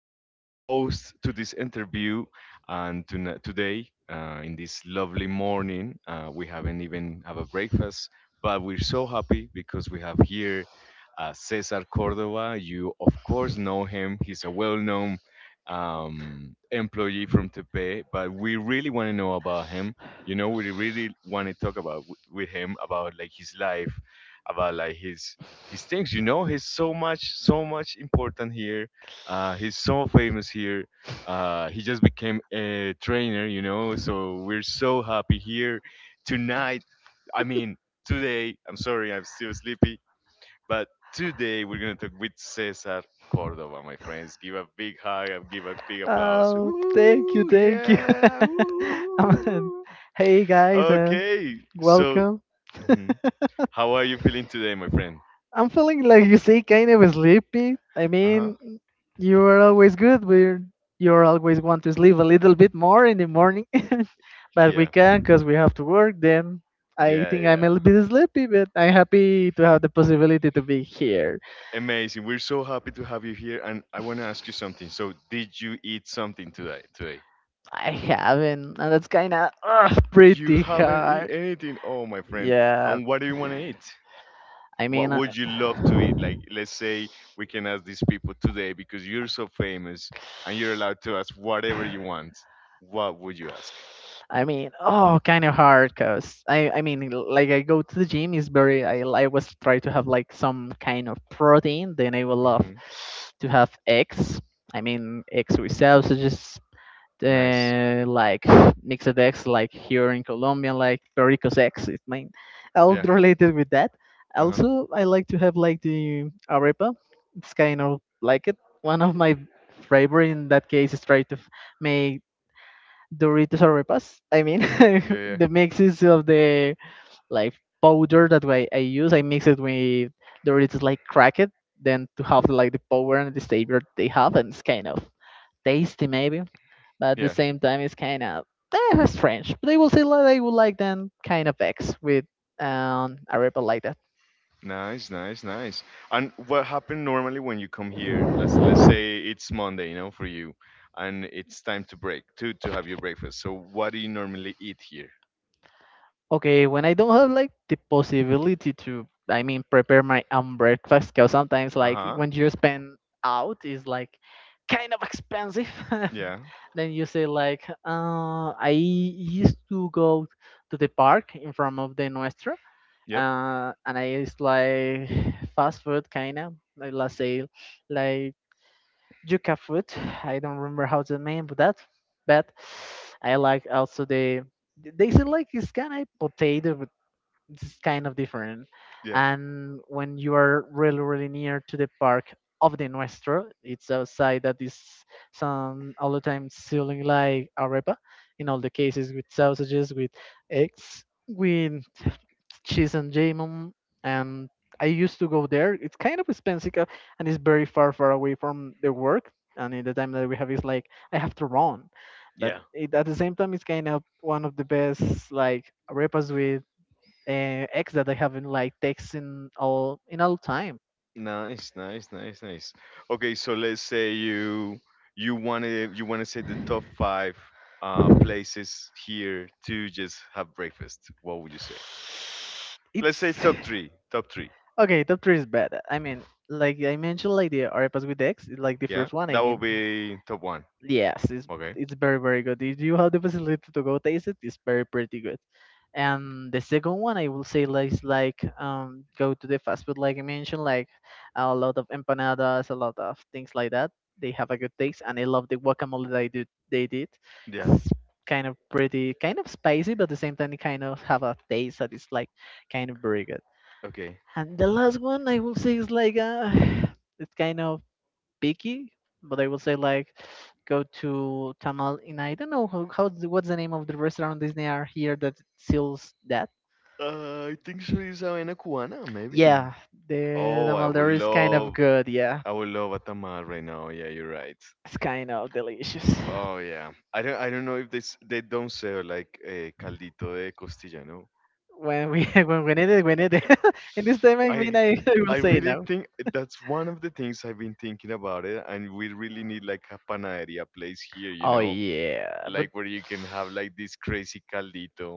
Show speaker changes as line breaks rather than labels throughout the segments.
this host to this interview. And today, in this lovely morning, we haven't even have a breakfast, but we're so happy because we have here Cesar Cordova. You of course know him; he's a well-known employee from Tepe. But we really want to know about him. You know, we really want to talk about with him about like his life about like his things. You know, he's so much important here. He's so famous here. He just became a trainer. You know, so we're so happy here tonight. I mean, today. I'm sorry, I'm still sleepy, but today we're gonna talk with Cesar Cordova, my friends. Give a big hug and give a big applause.
Oh, thank you,
Woo!
thank you.
Yeah!
Um,
Woo!
hey guys,
Okay, so.
welcome.
Mhm. How are you feeling today, my friend?
I'm feeling like you say kind of sleepy.
Uh huh.
You are always good. We're you're always want to sleep a little bit more in the morning, but we
Yeah.
can because we have to work. Then I
Yeah,
think I'm a
yeah.
little bit sleepy, but I'm happy to have the possibility to be here.
Amazing. We're so happy to have you here. And I want to ask you something. So, did you eat something today? Today?
I haven't, and that's kind of
You
pretty
haven't eaten
hard.
anything. Oh, my friend.
Yeah.
And what do you want to eat?
I
What
mean, uh,
would you love to eat? Like, let's say we can ask these people today because you're so famous and you're allowed to ask whatever you want. What would you ask?
kind of hard because I mean, like I go to the gym is very. I was try to have like some kind of protein. Then I will love
Hmm.
to have eggs. I mean, eggs with sausages,
Nice.
like mixed eggs, like here in Colombia, like Perico's eggs. It's mine. All
Yeah.
related with that.
Uh huh.
Also, I like to have like the arepa. It's kind of like it. One of my favorite in that case is try to make Doritos arepas. I mean,
Yeah. Yeah.
the mixes of the like powder that I use, I mix it with Doritos like crack it, then to have like the power and the savior they have, and it's kind of tasty maybe but at the
Yeah.
same time it's kind of strange, but I will say that I would like them kind of vex with a rebel like that.
Nice, nice, nice. And what happened normally when you come here? Let's say it's Monday, you know, for you, and it's time to break to have your breakfast. So what do you normally eat here?
Okay, when I don't have like the possibility to, I mean, prepare my own breakfast, because sometimes
Uh
like
huh.
when you spend out is like kind of expensive. Yeah.
Yeah.
Then you say like I used to go to the park in front of the Nuestro,
Yep.
and I used like fast food kind of, like, let's say like yuca fruit. I don't remember how to name that, but I like also the, they say like it's kind of potato, but it's kind of different.
Yeah.
And when you are really near to the park of the Nuestro, it's outside, that is some all the time selling like arepa, in all the cases with sausages, with eggs, with cheese and jamon, and I used to go there. It's kind of expensive, and it's very far away from the work, and in the time that we have is like I have to run. But at the same time, it's kind of one of the best like repas with eggs that I have in like takes in all time.
Nice, nice, nice, nice. Okay, so let's say you want to say the top five places here to just have breakfast. What would you say? Let's
It's
say top three, top three.
okay, top three is bad, I mean, like I mentioned, like the arepas with eggs, like the
Yeah,
first one, I
that will
mean.
be top one.
Yes,
Okay.
it's very good. If you have the possibility to go taste it, it's very pretty good. And the second one, I will say, like, is like, go to the fast food, like I mentioned, like a lot of empanadas, a lot of things like that. They have a good taste, and I love the guacamole they do. They did.
Yeah.
It's kind of pretty, kind of spicy, but at the same time, it kind of have a taste that is like kind of very good.
Okay.
And the last one, I will say, is like it's kind of picky, but I will say like go to Tamal in, I don't know how, what's the name of the restaurant Disney are here that sells that.
I think so is Havana Cubana, maybe.
Yeah, the
Oh, I
Tamal
would
there is kind of
love.
good. Yeah,
I would love a tamal right now. Yeah, you're right.
it's kind of delicious.
Oh yeah. I don't know if they don't sell like a caldito de costilla, no?
When we when we need it, we need it. In this time, I mean,
I
I will
I
say
really
no.
think that's one of the things I've been thinking about it, and we really need like a panaderia place here, you
Oh
know,
yeah, but
like where you can have like this crazy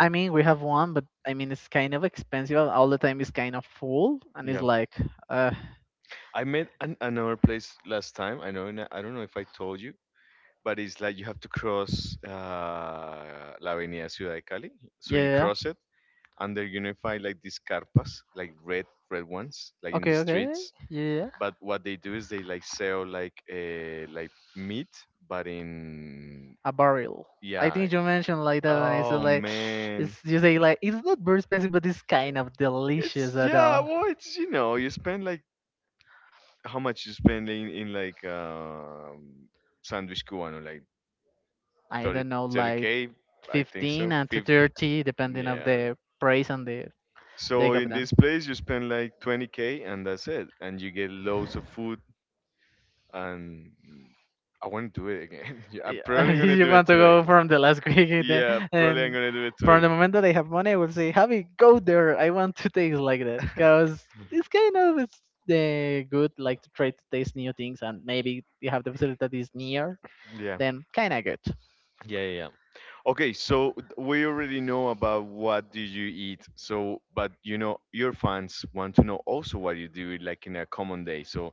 I mean, we have one, but I mean, it's kind of expensive. All the time is kind of full, and it's
Yeah,
like, uh,
I met another place last time. I know, and I don't know if I told you. But it's like you have to cross la Avenida Ciudad de Cali. So you
yeah.
cross it, and they're unified like these carpas, like red, red ones, like in the
Okay, okay.
streets.
Yeah, yeah, yeah.
But what they do is they like sell like meat, but in
A barrel. I
yeah.
think you mentioned like that, and it's
Oh
like, it's,
man,
you say like it's not very expensive, but it's kind of
it's
delicious at
yeah.
all.
Well, it's you know you spend like how much you spend in like sandwich cubano like
I
thirty
don't know,
thirty
like
k, I think so.
15 and to
50.
30, depending of
Yeah.
the price and the
So
big of
in
them.
this place, you spend like 20K and that's it. And you get loads of food. And I want to do it again. Yeah, I'm
Yeah,
probably going to
you
do it
want to
today.
go from the last
Yeah, probably I'm
and
going to do it
from
today.
the moment that I have money, I will say, Javi, go there. I want to taste like that, because it's kind of it's the good like to try to taste new things, and maybe you have the facility that is near,
Yeah.
then kind of good.
Yeah, yeah. Yeah. Okay, so we already know about what do you eat. So, but you know, your fans want to know also what you do, like in a common day. So,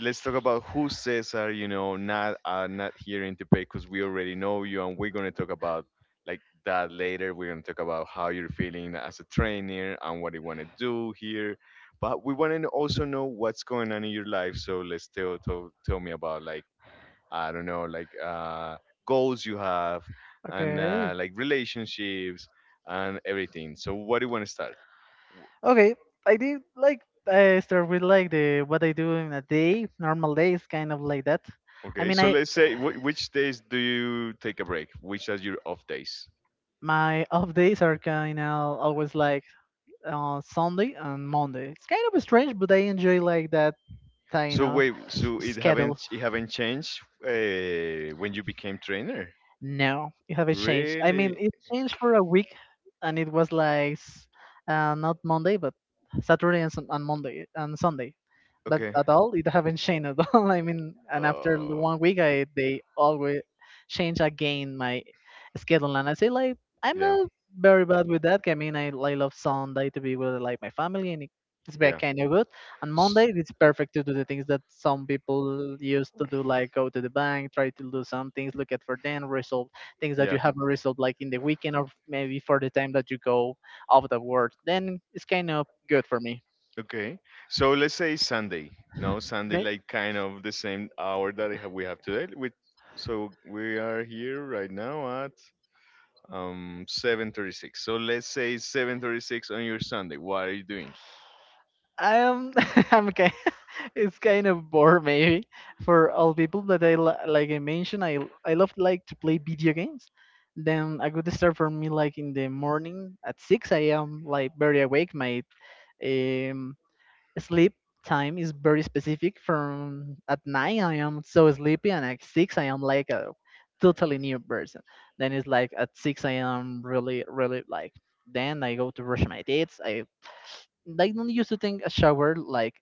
let's talk about who Cesar, you know, not not here in Tepe because we already know you, and we're gonna talk about like that later. We're gonna talk about how you're feeling as a trainer and what you wanna do here. But we wanna also know what's going on in your life. So let's tell me about like I don't know, like goals you have and like relationships and everything. So what do you wanna start?
Okay, I did like I start with like the what I do in a day, normal days, kind of like that. I
Okay,
mean,
so
I
let's say which days do you take a break? Which are your off days?
my off days are kind of always like Sunday and Monday. It's kind of strange, but I enjoy like that kind
So
of
wait, so it
schedule.
haven't it haven't changed when you became trainer?
No, it haven't changed. I mean,
Really?
it changed for a week, and it was like not Monday, but Saturday and, and Monday and Sunday. But
Okay.
at all, it haven't changed at all. I mean, and after
Uh,
1 week, I they always change again my schedule, and I say like I'm
yeah,
not very bad with that. I mean, I love Sunday to be with like my family, and it's very
yeah,
kind of good. And
S-
Monday it's perfect to do the things that some people used to do, like go to the bank, try to do some things, look at for them, resolve things that you
yeah.
haven't resolved, like in the weekend, or maybe for the time that you go out of work. Then it's kind of good for me.
Okay. So let's say Sunday. No, Sunday,
Okay,
like kind of the same hour that I have, we have today. With so we are here right now at 7:36. So let's say 7:36 on your Sunday. What are you doing?
um, I'm okay. It's kind of bored maybe for all people, but I like I mentioned, I love like to play video games. Then a good start for me, like in the morning at 6 a.m., like very awake. My um sleep time is very specific. From at 9 I am so sleepy, and at 6 I am like a totally new person. Then it's like at 6 I am really like, then I go to brush my teeth. I like don't used to take a shower like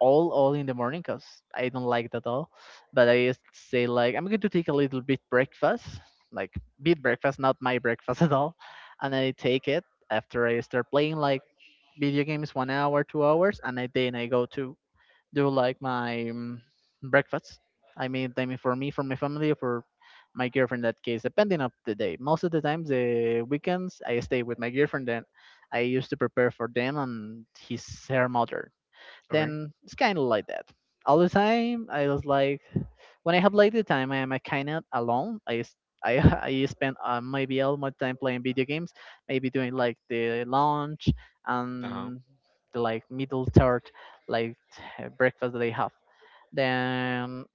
all in the morning, because I don't like that at all. But I just say like I'm going to take a little bit breakfast, like bit breakfast, not my breakfast at all, and I take it. After I start playing like video games 1 hour, 2 hours, and I then I go to do like my breakfast. I mean, for me, for my family, for my girlfriend. In that case, depending of the day. Most of the times, the weekends, I stay with my girlfriend. Then I used to prepare for them and his her mother,
Okay.
then it's kind of like that. All the time, I was like, when I have like the time, I am kind of alone. I s- I I spend maybe all my time playing video games, maybe doing like the lunch
Uh-huh.
and the like middle third, like breakfast that I have. Then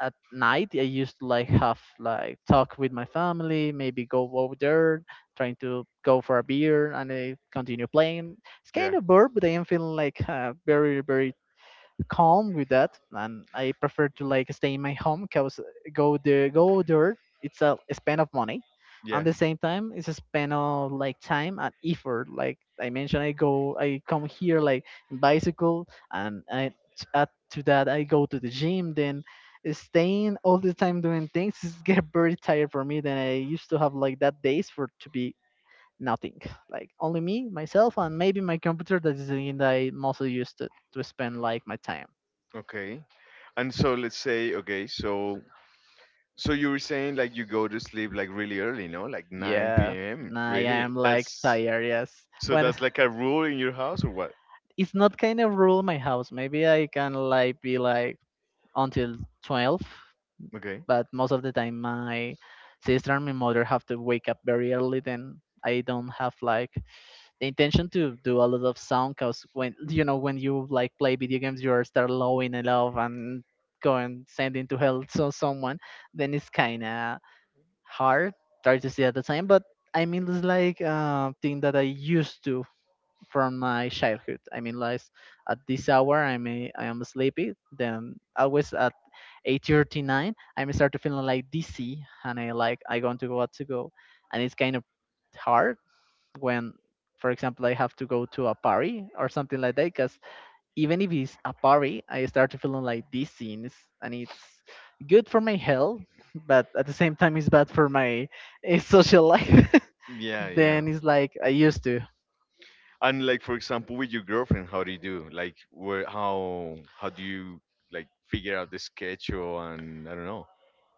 at night, I used to like have like talk with my family, maybe go over there, trying to go for a beer, and I continue playing. It's
Yeah.
kind of bored, but I am feeling like very calm with that, and I prefer to like stay in my home because go there, it's a spend of money, and
Yeah.
the same time it's a spend of like time and effort. Like I mentioned, I come here like in bicycle, and I add to that I go to the gym. Then staying all the time doing things is get very tired for me. Then I used to have like that days for to be nothing, like only me myself and maybe my computer, that is the thing that I mostly used to spend like my time.
Okay. And so let's say okay, so you were saying like you go to sleep like really early, no? Like 9
Yeah,
p.m.
I
Really?
am like
That's
tired. Yes,
so
when
that's like a rule in your house or what?
it's not kind of rule in my house. Maybe I can like be like until 12,
Okay.
but most of the time my sister and my mother have to wake up very early. Then I don't have like the intention to do a lot of sound, because when you know when you like play video games, you are start lowing it off and going sending to hell so someone. Then it's kinda hard, hard to see at the time. But I mean, it's like thing that I used to from my childhood. I mean, like at this hour, I am sleepy. Then always at 8:39, I may start to feeling like dizzy, and I like I going to go out to go, and it's kind of hard when, for example, I have to go to a party or something like that, cause even if it's a party, I start to feeling like these scenes, and it's good for my health, but at the same time, it's bad for my social life.
Yeah, yeah.
Then it's like I used to.
And like for example, with your girlfriend, how do you do? Like where how do you like figure out the schedule and I don't know.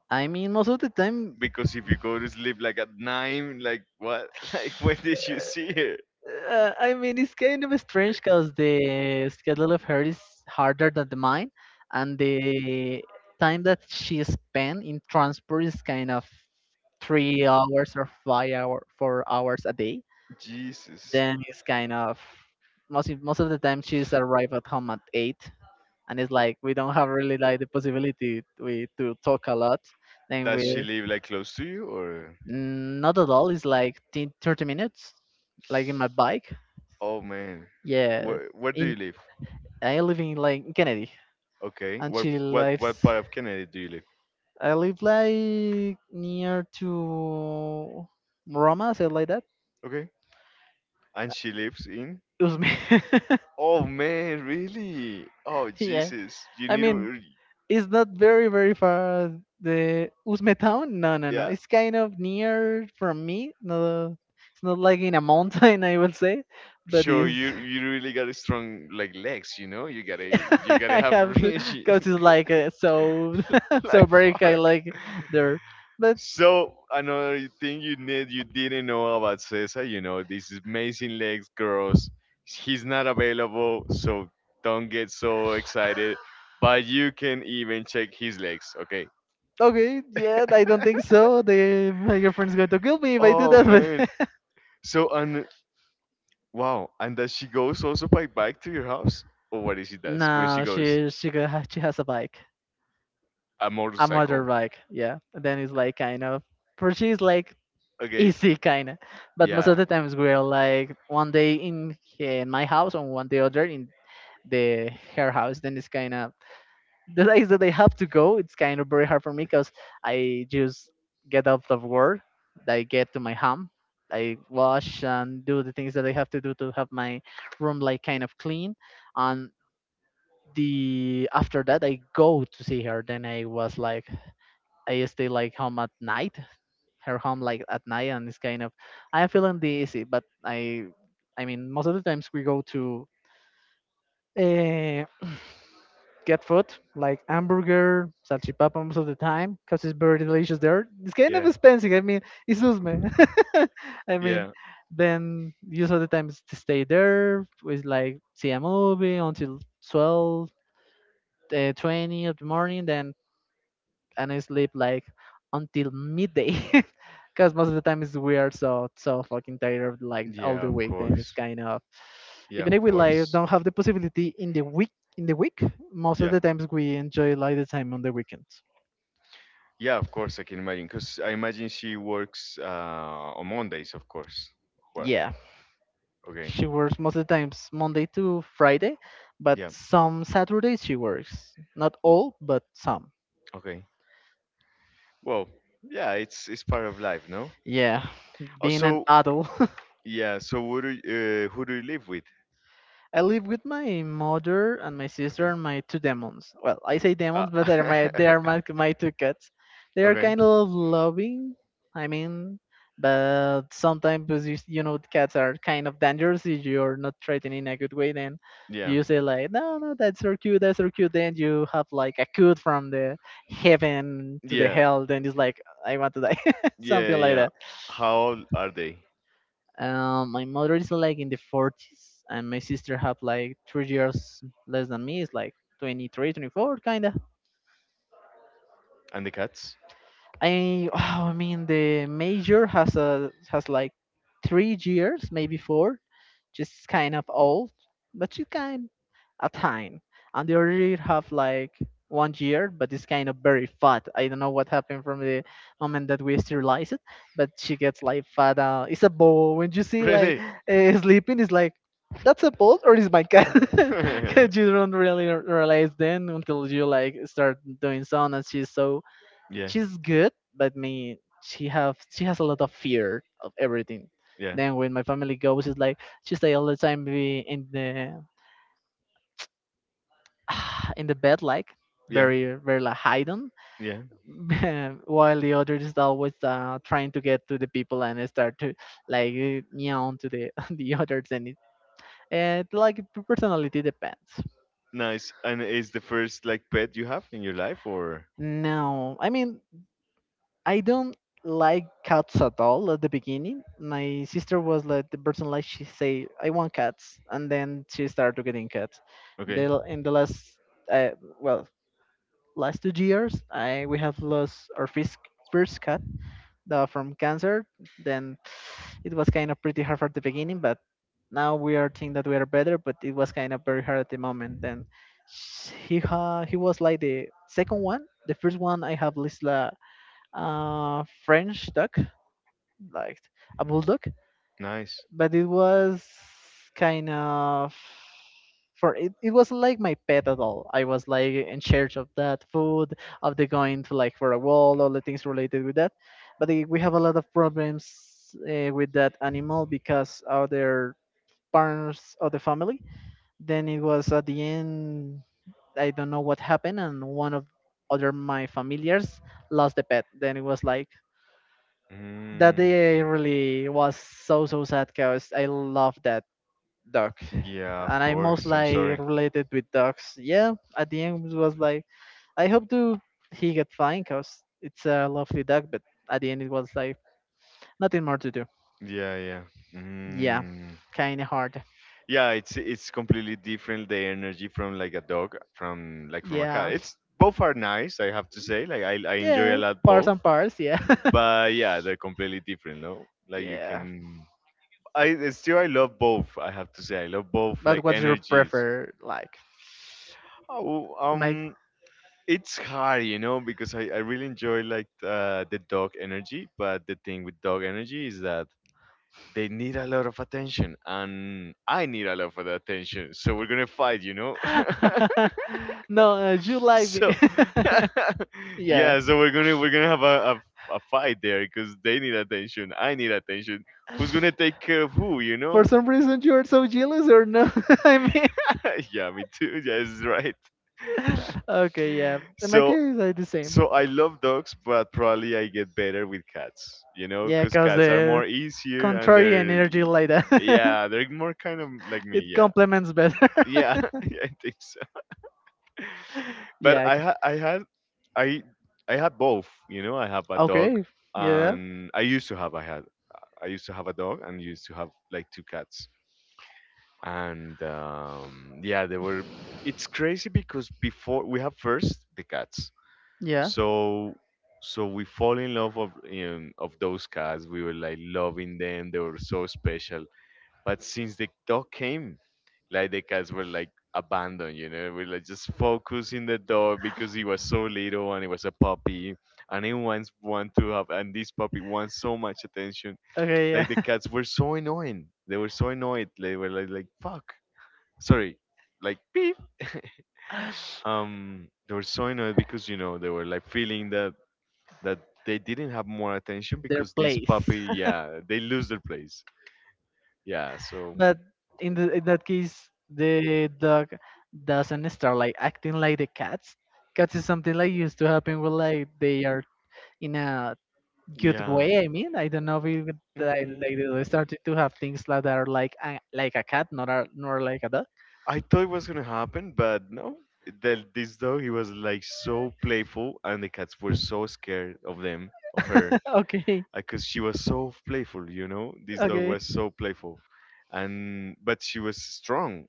I mean, most of the time.
Because if you go to sleep like at 9, like what? Like when did you see her?
It's kind of strange because the schedule of her is harder than the mine, and the time that she spent in transport is kind of 3 hours or 5 hour, 4 hours a day.
Jesus.
Then it's kind of most of the time she's arrived at home at 8, and it's like we don't have really like the possibility we to talk a lot. Then
Does
we.
she live like close to you or?
Mm, not at all. It's like 10, 30 minutes, like in my bike.
Oh man.
Yeah,
Where do
in
you live?
I live in like in Kennedy,
Okay. What
until
what what part of Canada do you live?
I live like near to Roma, something like that.
Okay. And she lives in?
It was me.
Oh man, really? Oh
yeah.
Jesus, you
I
need
mean,
to.
it's not very far the Uzme town. No, no, no.
Yeah.
It's kind of near from me. No, it's not like in a mountain, I will say, but
So
it's.
you really got a strong like legs, you know? You gotta you gotta
I
have
have to
really
because it's like so so
like
very kind
fuck.
of like there, but
So another thing you didn't know about Cesar, you know, this is amazing legs girls. He's not available, so don't get so excited. But you can even check his legs, okay?
okay, yeah, I don't think so. The my girlfriend's going to kill me if I do
Oh
that. But
man. So and wow, and does she goes also by bike to your house? Or what is she does when she
no,
goes?
she go- she has a bike.
A
A
motorcycle.
motorbike. Yeah, then it's like kind of for she is like
Okay.
easy kind of, but most of
Yeah.
the times we're like one day in he- in my house and one day other in the her house. Then it's kind of the days that I have to go. It's kind of very hard for me because I just get out of work. I get to my home. I wash and do the things that I have to do to have my room like kind of clean and the after that I go to see her. Then I was like, I stay like home at night, her home like at night, and it's kind of I'm feeling dizzy. But I mean, most of the times we go to uh, get food like hamburger, salchipapa most of the time because it's very delicious there. It's kind of
Yeah.
expensive. I mean, it's Usme. I mean,
Yeah.
then use of the times to stay there. We like see a movie until 12, 20 of the morning. Then and I sleep like until midday because most of the time it's weird so so fucking tired like all
Yeah,
the
of
week then it's
course.
kind of
Yeah,
even
of
if we like
course.
don't have the possibility in the week most of
Yeah.
the times we enjoy like the time on the weekends.
Yeah, of course I can imagine. Cause I imagine she works on Mondays, of course. What?
Yeah,
Okay.
she works most of the times monday to friday but
Yeah.
some saturdays she works not all but some.
Okay. Well, yeah, it's part of life, no?
Yeah,
Oh,
being an
so
adult.
yeah. So who do you live with?
I live with my mother and my sister
Okay.
and my two demons. Well, I say
Uh,
demons, but they're my two cats. They are
okay.
kind of loving. I mean, but sometimes you, s- you know cats are kind of dangerous if you're not treated in a good way. Then
Yeah.
you say like, no, no, that's so cute, that's so cute. Then you have like a cut from the heaven to the
Yeah.
hell. Then it's like, I want to die,
Yeah.
something like
Yeah. How old are they?
my mother is like in the 40s, and my sister have like 3 years less than me. It's like 20 kind of.
And the cats?
I I mean the major has a has like 3 years, maybe 4. She's kind of old, but she kind a time. And the other have like 1 year, but it's kind of very fat. I don't know what happened from the moment that we sterilized it, but she gets like fat. It's a ball. When you see like
Really?
sleeping, it's like that's a ball or is my cat? 'Cause you don't really r- realize then until you like start doing some, and she's so
Yeah.
she's good, but me she has a lot of fear of everything.
Yeah.
Then when my family goes, it's like she stay all the time be in the in the bed like
Yeah.
very like hidden,
Yeah.
while the other is always trying to get to the people and start to like meow to the the others and it like p- personality depends.
Nice. And is the first like pet you have in your life or
No, I mean I don't like cats at all at the beginning. My sister was like the person like she say I want cats, and then she started getting cats. They
okay.
l- in the last well last 2 years, I we have lost our first cat from cancer. Then it was kind of pretty hard at the beginning, but now we are think that we are better. But it was kind of very hard at the moment. Then sh- he ha- he was like the second one. The first one I have Lisla French dog, like a bulldog,
Nice.
but it was kind of for it, it wasn't like my pet at all. I was like in charge of that food, of the going to like for a wall, all the things related with that. But we have a lot of problems with that animal because other parents of the family. Then it was at the end, I don't know what happened, and one of other my familiars lost the pet. Then it was like that
Mm.
day really was so so sad because I love that dog,
Yeah, of
and I most
course. I'm
like
sorry.
related with dogs. Yeah, at the end it was like I hope to he get fine because it's a lovely dog, but at the end it was like nothing more to do.
Yeah, yeah.
Yeah,
Mm.
kind of hard.
Yeah, it's completely different the energy from like a dog from like from a cat.
Yeah,
It's both are nice, I have to say. Like I enjoy a
yeah,
lot
parts
both,
and parts. Yeah,
but yeah, they're completely different, no? Like you
yeah.
can I it's still I love both, I have to say. I love both like
But what's your
energies.
prefer like?
Oh,
Like.
it's hard, you know, because I really enjoy like the dog energy, but the thing with dog energy is that they need a lot of attention, and I need a lot of attention. So we're gonna fight, you know.
no, you like me.
so
yeah.
yeah, so we're gonna have a fight there because they need attention, I need attention. Who's gonna take care of who, you
For
know?
some reason, you are so jealous, or no? I mean,
Yeah, me too. Yeah, it's right.
okay, yeah. In my
so
case, I the same.
So I love dogs, but probably I get better with cats, you know,
Yeah,
because
cause
cats are
the
more easier and
contrary
they're,
energy like that,
yeah, they're more kind of like me,
it
yeah,
complements better.
yeah, yeah, I think so. But
yeah.
I
Okay.
ha- I I had both, you know, I have a dog
Okay, yeah.
and I used to have a dog and used to have like two cats and yeah, they were. It's crazy because before we have first the cats
Yeah.
so so we fall in love of those cats, we were like loving them, they were so special. But since the dog came, like the cats were like abandoned, you know, we like just focus in the dog because he was so little and he was a puppy, and he wants want to have, and this puppy wants so much attention.
Okay. Yeah.
Like the cats were so annoying, they were so annoyed, they were like fuck, sorry, like beep, they were so annoyed because you know they were like feeling that that they didn't have more attention
Their
because this
place.
puppy, yeah, they lose their place. Yeah, so
But in the in that case, the dog doesn't start like acting like the cats. Cats is something like used to happen with like they are in a good
yeah.
way. I mean, I don't know if it,
Mm.
like they started to have things like that are like a cat, not a, nor like a dog.
I thought it was gonna happen, but no. That this dog, he was like so playful, and the cats were so scared of them, of her,
okay,
because she was so playful. You know, this dog
okay,
was so playful, and but she was strong.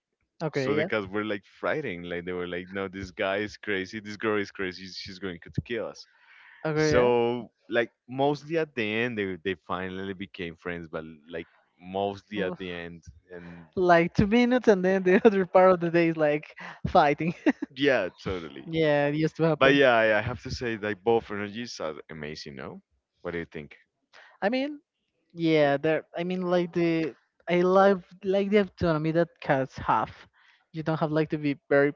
So
okay,
the
yeah,
cats were like frightened, like they were like, "No, this guy is crazy. This girl is crazy. She's going to kill us."
okay, yeah.
So like mostly at the end, they finally became friends, but like mostly at
Well,
the end, and
like 2 minutes, and then the other part of the day is like fighting.
Yeah, totally.
Yeah, it used to
But
happen.
yeah, I have to say that both energies are amazing. No, what do you think?
I mean, yeah, there. I mean, like the I love like the autonomy that cats have. You don't have like to be very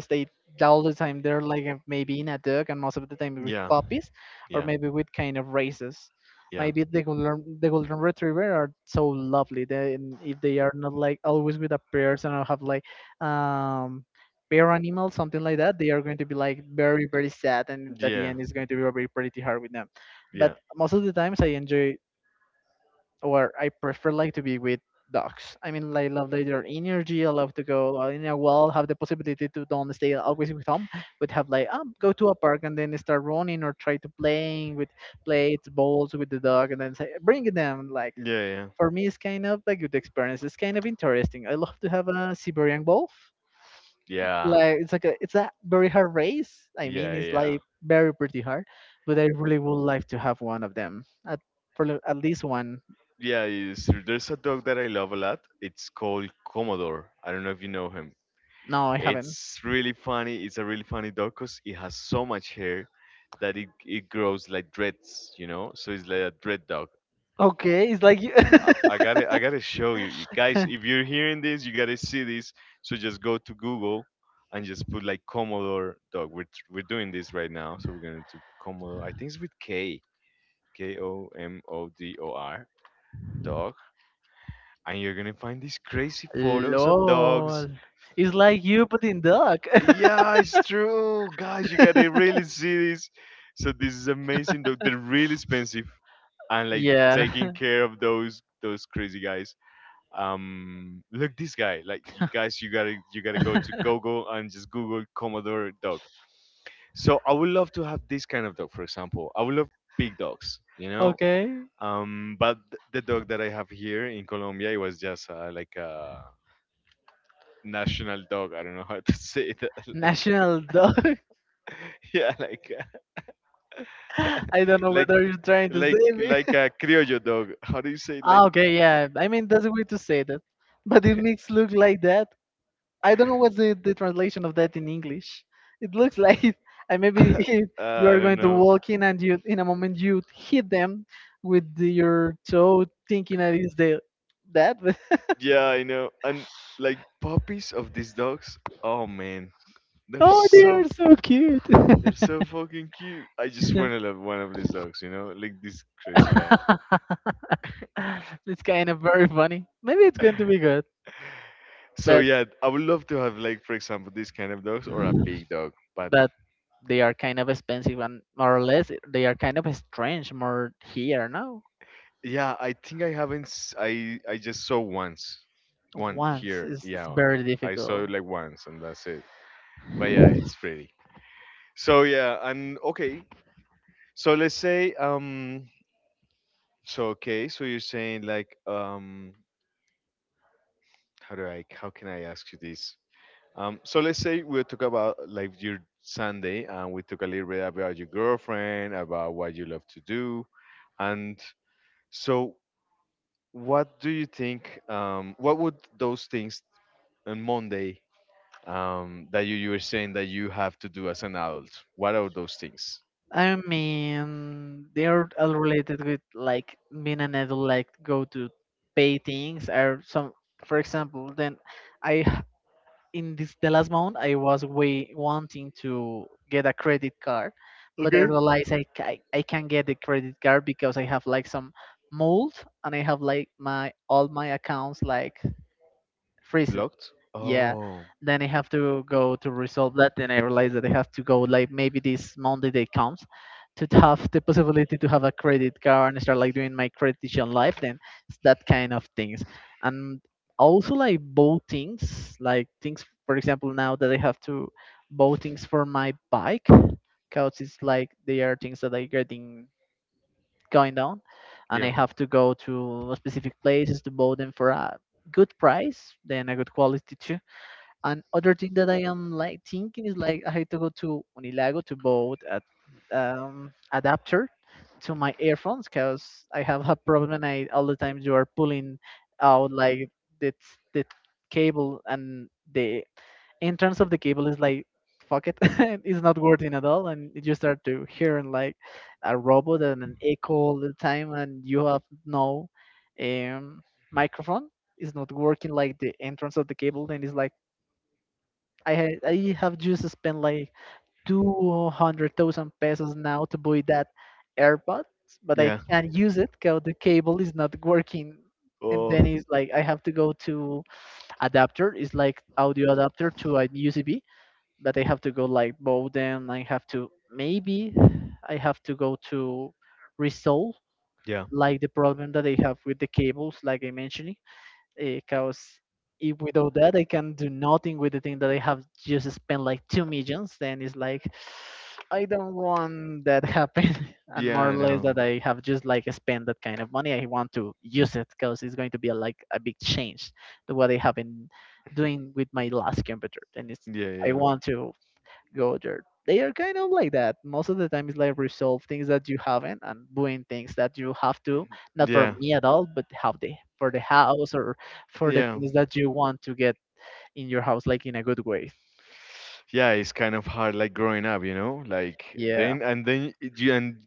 stay all the time. They're like maybe in a dog, and most of the time with
Yeah,
puppies, or
yeah,
maybe with kind of races.
yeah,
Maybe
yeah,
the golden retriever are so lovely. They, and if they are not like always with a person or have like um pair animal something like that, they are going to be like very sad, and
yeah,
at the
yeah,
end it's going to be very pretty hard with them but
yeah,
most of the times I enjoy or I prefer like to be with dogs. I mean, like, love their energy. I love to go in a wall, have the possibility to don't stay always with home, but have like go to a park and then start running or try to playing with plates, balls with the dog, and then say, bring them. Like
yeah,
for me, it's kind of a good experience. It's kind of interesting. I love to have a Siberian wolf. Like it's a very hard race. I mean,
yeah,
it's
yeah.
like very pretty hard, but I really would like to have one of them. At, for at least one.
Yeah, it's true. There's a dog that I love a lot. It's called Commodore. I don't know if you know him.
No, I haven't.
It's really funny. It's a really funny dog because it has so much hair that it grows like dreads, you know? So it's like a dread dog.
Okay, it's like you.
I gotta show you. Guys, if you're hearing this, you gotta see this. So just go to Google and just put like Commodore dog. We're doing this right now. So we're gonna do Commodore. I think it's with K. Komodor dog. And you're gonna find these crazy photos of dogs.
Lol. It's like you but in duck.
Yeah, it's true, guys. You gotta really see this. So this is amazing, though. They're really expensive, and like
yeah.
taking care of those crazy guys. Look this guy. Like you, guys, you gotta go to Google and just Google Commodore dog. So I would love to have this kind of dog, for example. I would love big dogs. You know,
okay.
but the dog that I have here in Colombia, it was just like a national dog. I don't know how to say that.
National
Like,
dog.
yeah, like, I don't know,
I don't know
like
whether you're trying to
like
say me.
like a criollo dog. How do you say, like,
ah, okay, yeah. I mean, that's a way to say that. But it makes look like that. I don't know what's the translation of that in English. It looks like it- and maybe if
yeah.
you
I
are
don't
going to
know.
walk in and you in a moment you hit them with the- your toe, thinking that is the that. But
Yeah, I know. And like puppies of these dogs. Oh man, they're
oh, they
so
are so cute.
They're so fucking cute. I just want to love one of these dogs, you know, like this crazy guy.
it's kind of very funny. Maybe it's going to be good,
So
but
yeah, I would love to have, like, for example, this kind of dogs or a big dog. But
but they are kind of expensive and more or less they are kind of strange more here now.
yeah, I think I haven't. I just saw once, one
Once
here.
it's
Yeah,
very
I saw it
difficult.
like once, and that's it. But yeah, it's pretty. So yeah, and okay. So let's say, So okay, so you're saying, like, How do I? How can I ask you this? So let's say we talk about like your Sunday, and we talk a little bit about your girlfriend, about what you love to do, and so what do you think? What would those things on Monday, that you were saying that you have to do as an adult? What are those things?
I mean, they are all related with like being an adult, like go to pay things or some. For example, then I h- in this the last month I was way wanting to get a credit card, but I realized I can't get the credit card because I have like some mold, and I have like my all my accounts like freezed,
Blocked?
yeah.
Oh,
Then I have to go to resolve that. Then I realize that I have to go like maybe this Monday day comes to have the possibility to have a credit card and start like doing my credit on life. Then it's that kind of things. And also like both things, like things, for example, now that I have to both things for my bike because it's like they are things that are getting going down, and I
yeah.
have to go to specific places to buy them for a good price then a good quality too. And other thing that I am like thinking is like I have to go to Unilago to bought a adapter to my earphones because I have a problem. I all the time you are pulling out like the the cable, and the entrance of the cable is like fuck it, it's not working at all, and you start to hearing like a robot and an echo all the time, and you have no um microphone. It's not working like the entrance of the cable. Then it's like I have just spent like 200,000 pesos now to buy that AirPods, but I
Yeah.
can't use it because the cable is not working. And
Oh.
then it's like I have to go to adapter. It's like audio adapter to a USB, but I have to go like both them. I have to maybe I have to go to resolve
Yeah.
like the problem that I have with the cables, like I mentioned, because if without that I can do nothing with the thing that I have just spent like 2 millions. Then it's like I don't want that happen. And
Yeah,
more or
I
less
know.
that I have just like spent that kind of money, I want to use it because it's going to be a, like a big change to what I have been doing with my last computer, and it's
Yeah,
I
yeah.
want to go there. They are kind of like that. Most of the time, it's like resolve things that you haven't and doing things that you have to, not for me at all, but how the for the house or for the
Yeah.
things that you want to
Yeah.
get in your house, like in a good way.
Yeah, it's kind of hard, like growing up, you know, like
Yeah,
then and then it- you and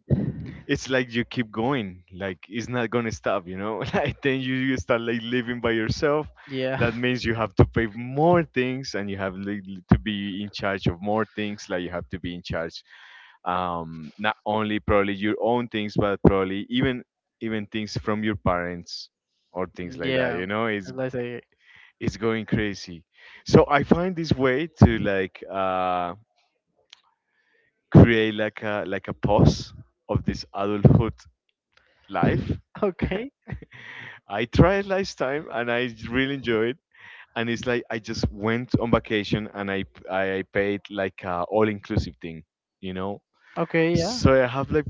it's like you keep going, like it's not gonna stop, you know. Like then you start like living by yourself.
yeah,
That means you have to pay more things, and you have to be in charge of more things. Like you have to be in charge, not only probably your own things, but probably even even things from your parents or things like that.
yeah.
You know,
As I say,
it's going crazy. So I find this way to like create like a pause of this adulthood life.
okay,
I tried last time and I really enjoyed. And it's like I just went on vacation and I paid like a all inclusive thing, you know.
okay, yeah.
So I have like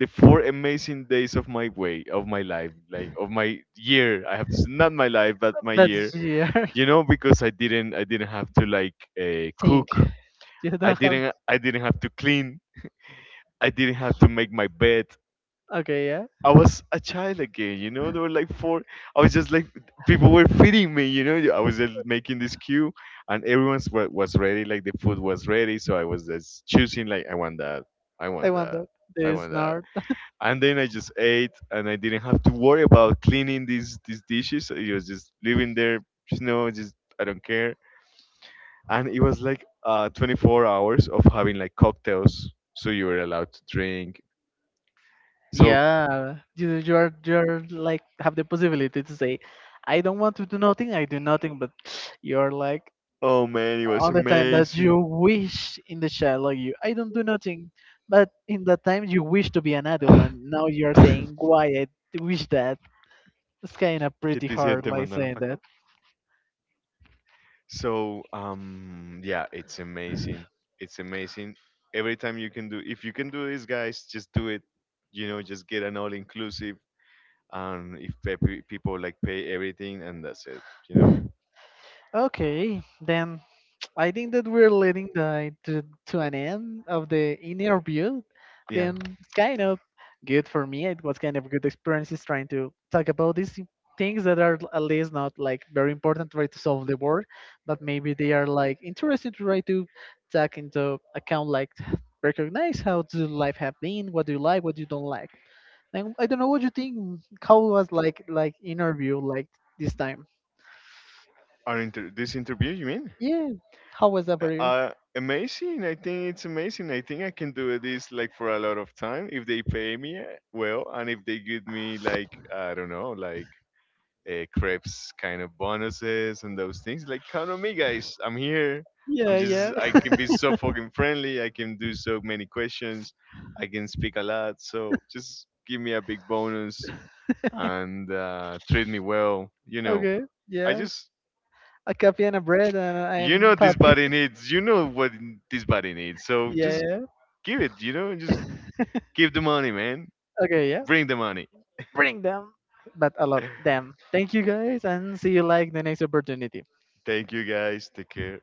the four amazing days of my life, like of my year. I have to not my life, but my year,
That's your
you know, because I didn't have to like
thing.
cook.
You
I
don't have.
didn't I didn't have to clean. I didn't have to make my bed.
Okay, yeah.
I was a child again, you know. There were like four. I was just like people were feeding me, you know. I was just making this queue, and everyone's wa- was ready. Like the food was ready, so I was just choosing. Like I want that. I
I
want
want
that.
that.
I want
This
that.
now.
And then I just ate, and I didn't have to worry about cleaning these dishes. It was just living there. Just no, just I don't care. And it was like 24 hours of having like cocktails, so you were allowed to drink so,
Yeah, you you're like have the possibility to say, I don't want to do nothing, I do nothing, but you're like
oh man, it was
on the time that you
amazing.
wish in the child like you I don't do nothing, but in that time you wish to be an adult, and now you're saying why I wish that. It's kind of
¿Qué
pretty
te hicieron?
hard
¿Te
like
mandaron
saying
para
that.
acá? So, yeah, it's amazing. It's amazing. Every time you can do, if you can do this, guys, just do it. You know, just get an all inclusive. And if people like pay everything, and that's it. You know,
Okay, then I think that we're leading the, to an end of the interview.
yeah.
Then it's kind of good for me. It was kind of a good experiences trying to talk about these things that are at least not like very important to try to solve the world, but maybe they are like interesting to try to take into account, like recognize how the life have been, what do you like, what you don't like. And I don't know what you think. How was like interview like this time?
This interview, you mean?
Yeah, how was that for you?
Amazing. I think it's amazing. I think I can do this like for a lot of time if they pay me well and if they give me like I don't know, like crepes kind of bonuses and those things. Like count on me, guys. I'm here.
Yeah, yeah.
I can be so fucking friendly. I can do so many questions. I can speak a lot. So just give me a big bonus and treat me well. You know,
Okay,
I
yeah.
just
A coffee and a bread, and
you
I'm
know this
happy.
body needs. You know what this body needs. So
yeah,
just
yeah.
give it. You know, just give the money, man.
Okay, yeah.
Bring the money.
Bring them, but a lot. Them. Thank you guys, and see you like the next opportunity.
Thank you, guys. Take care.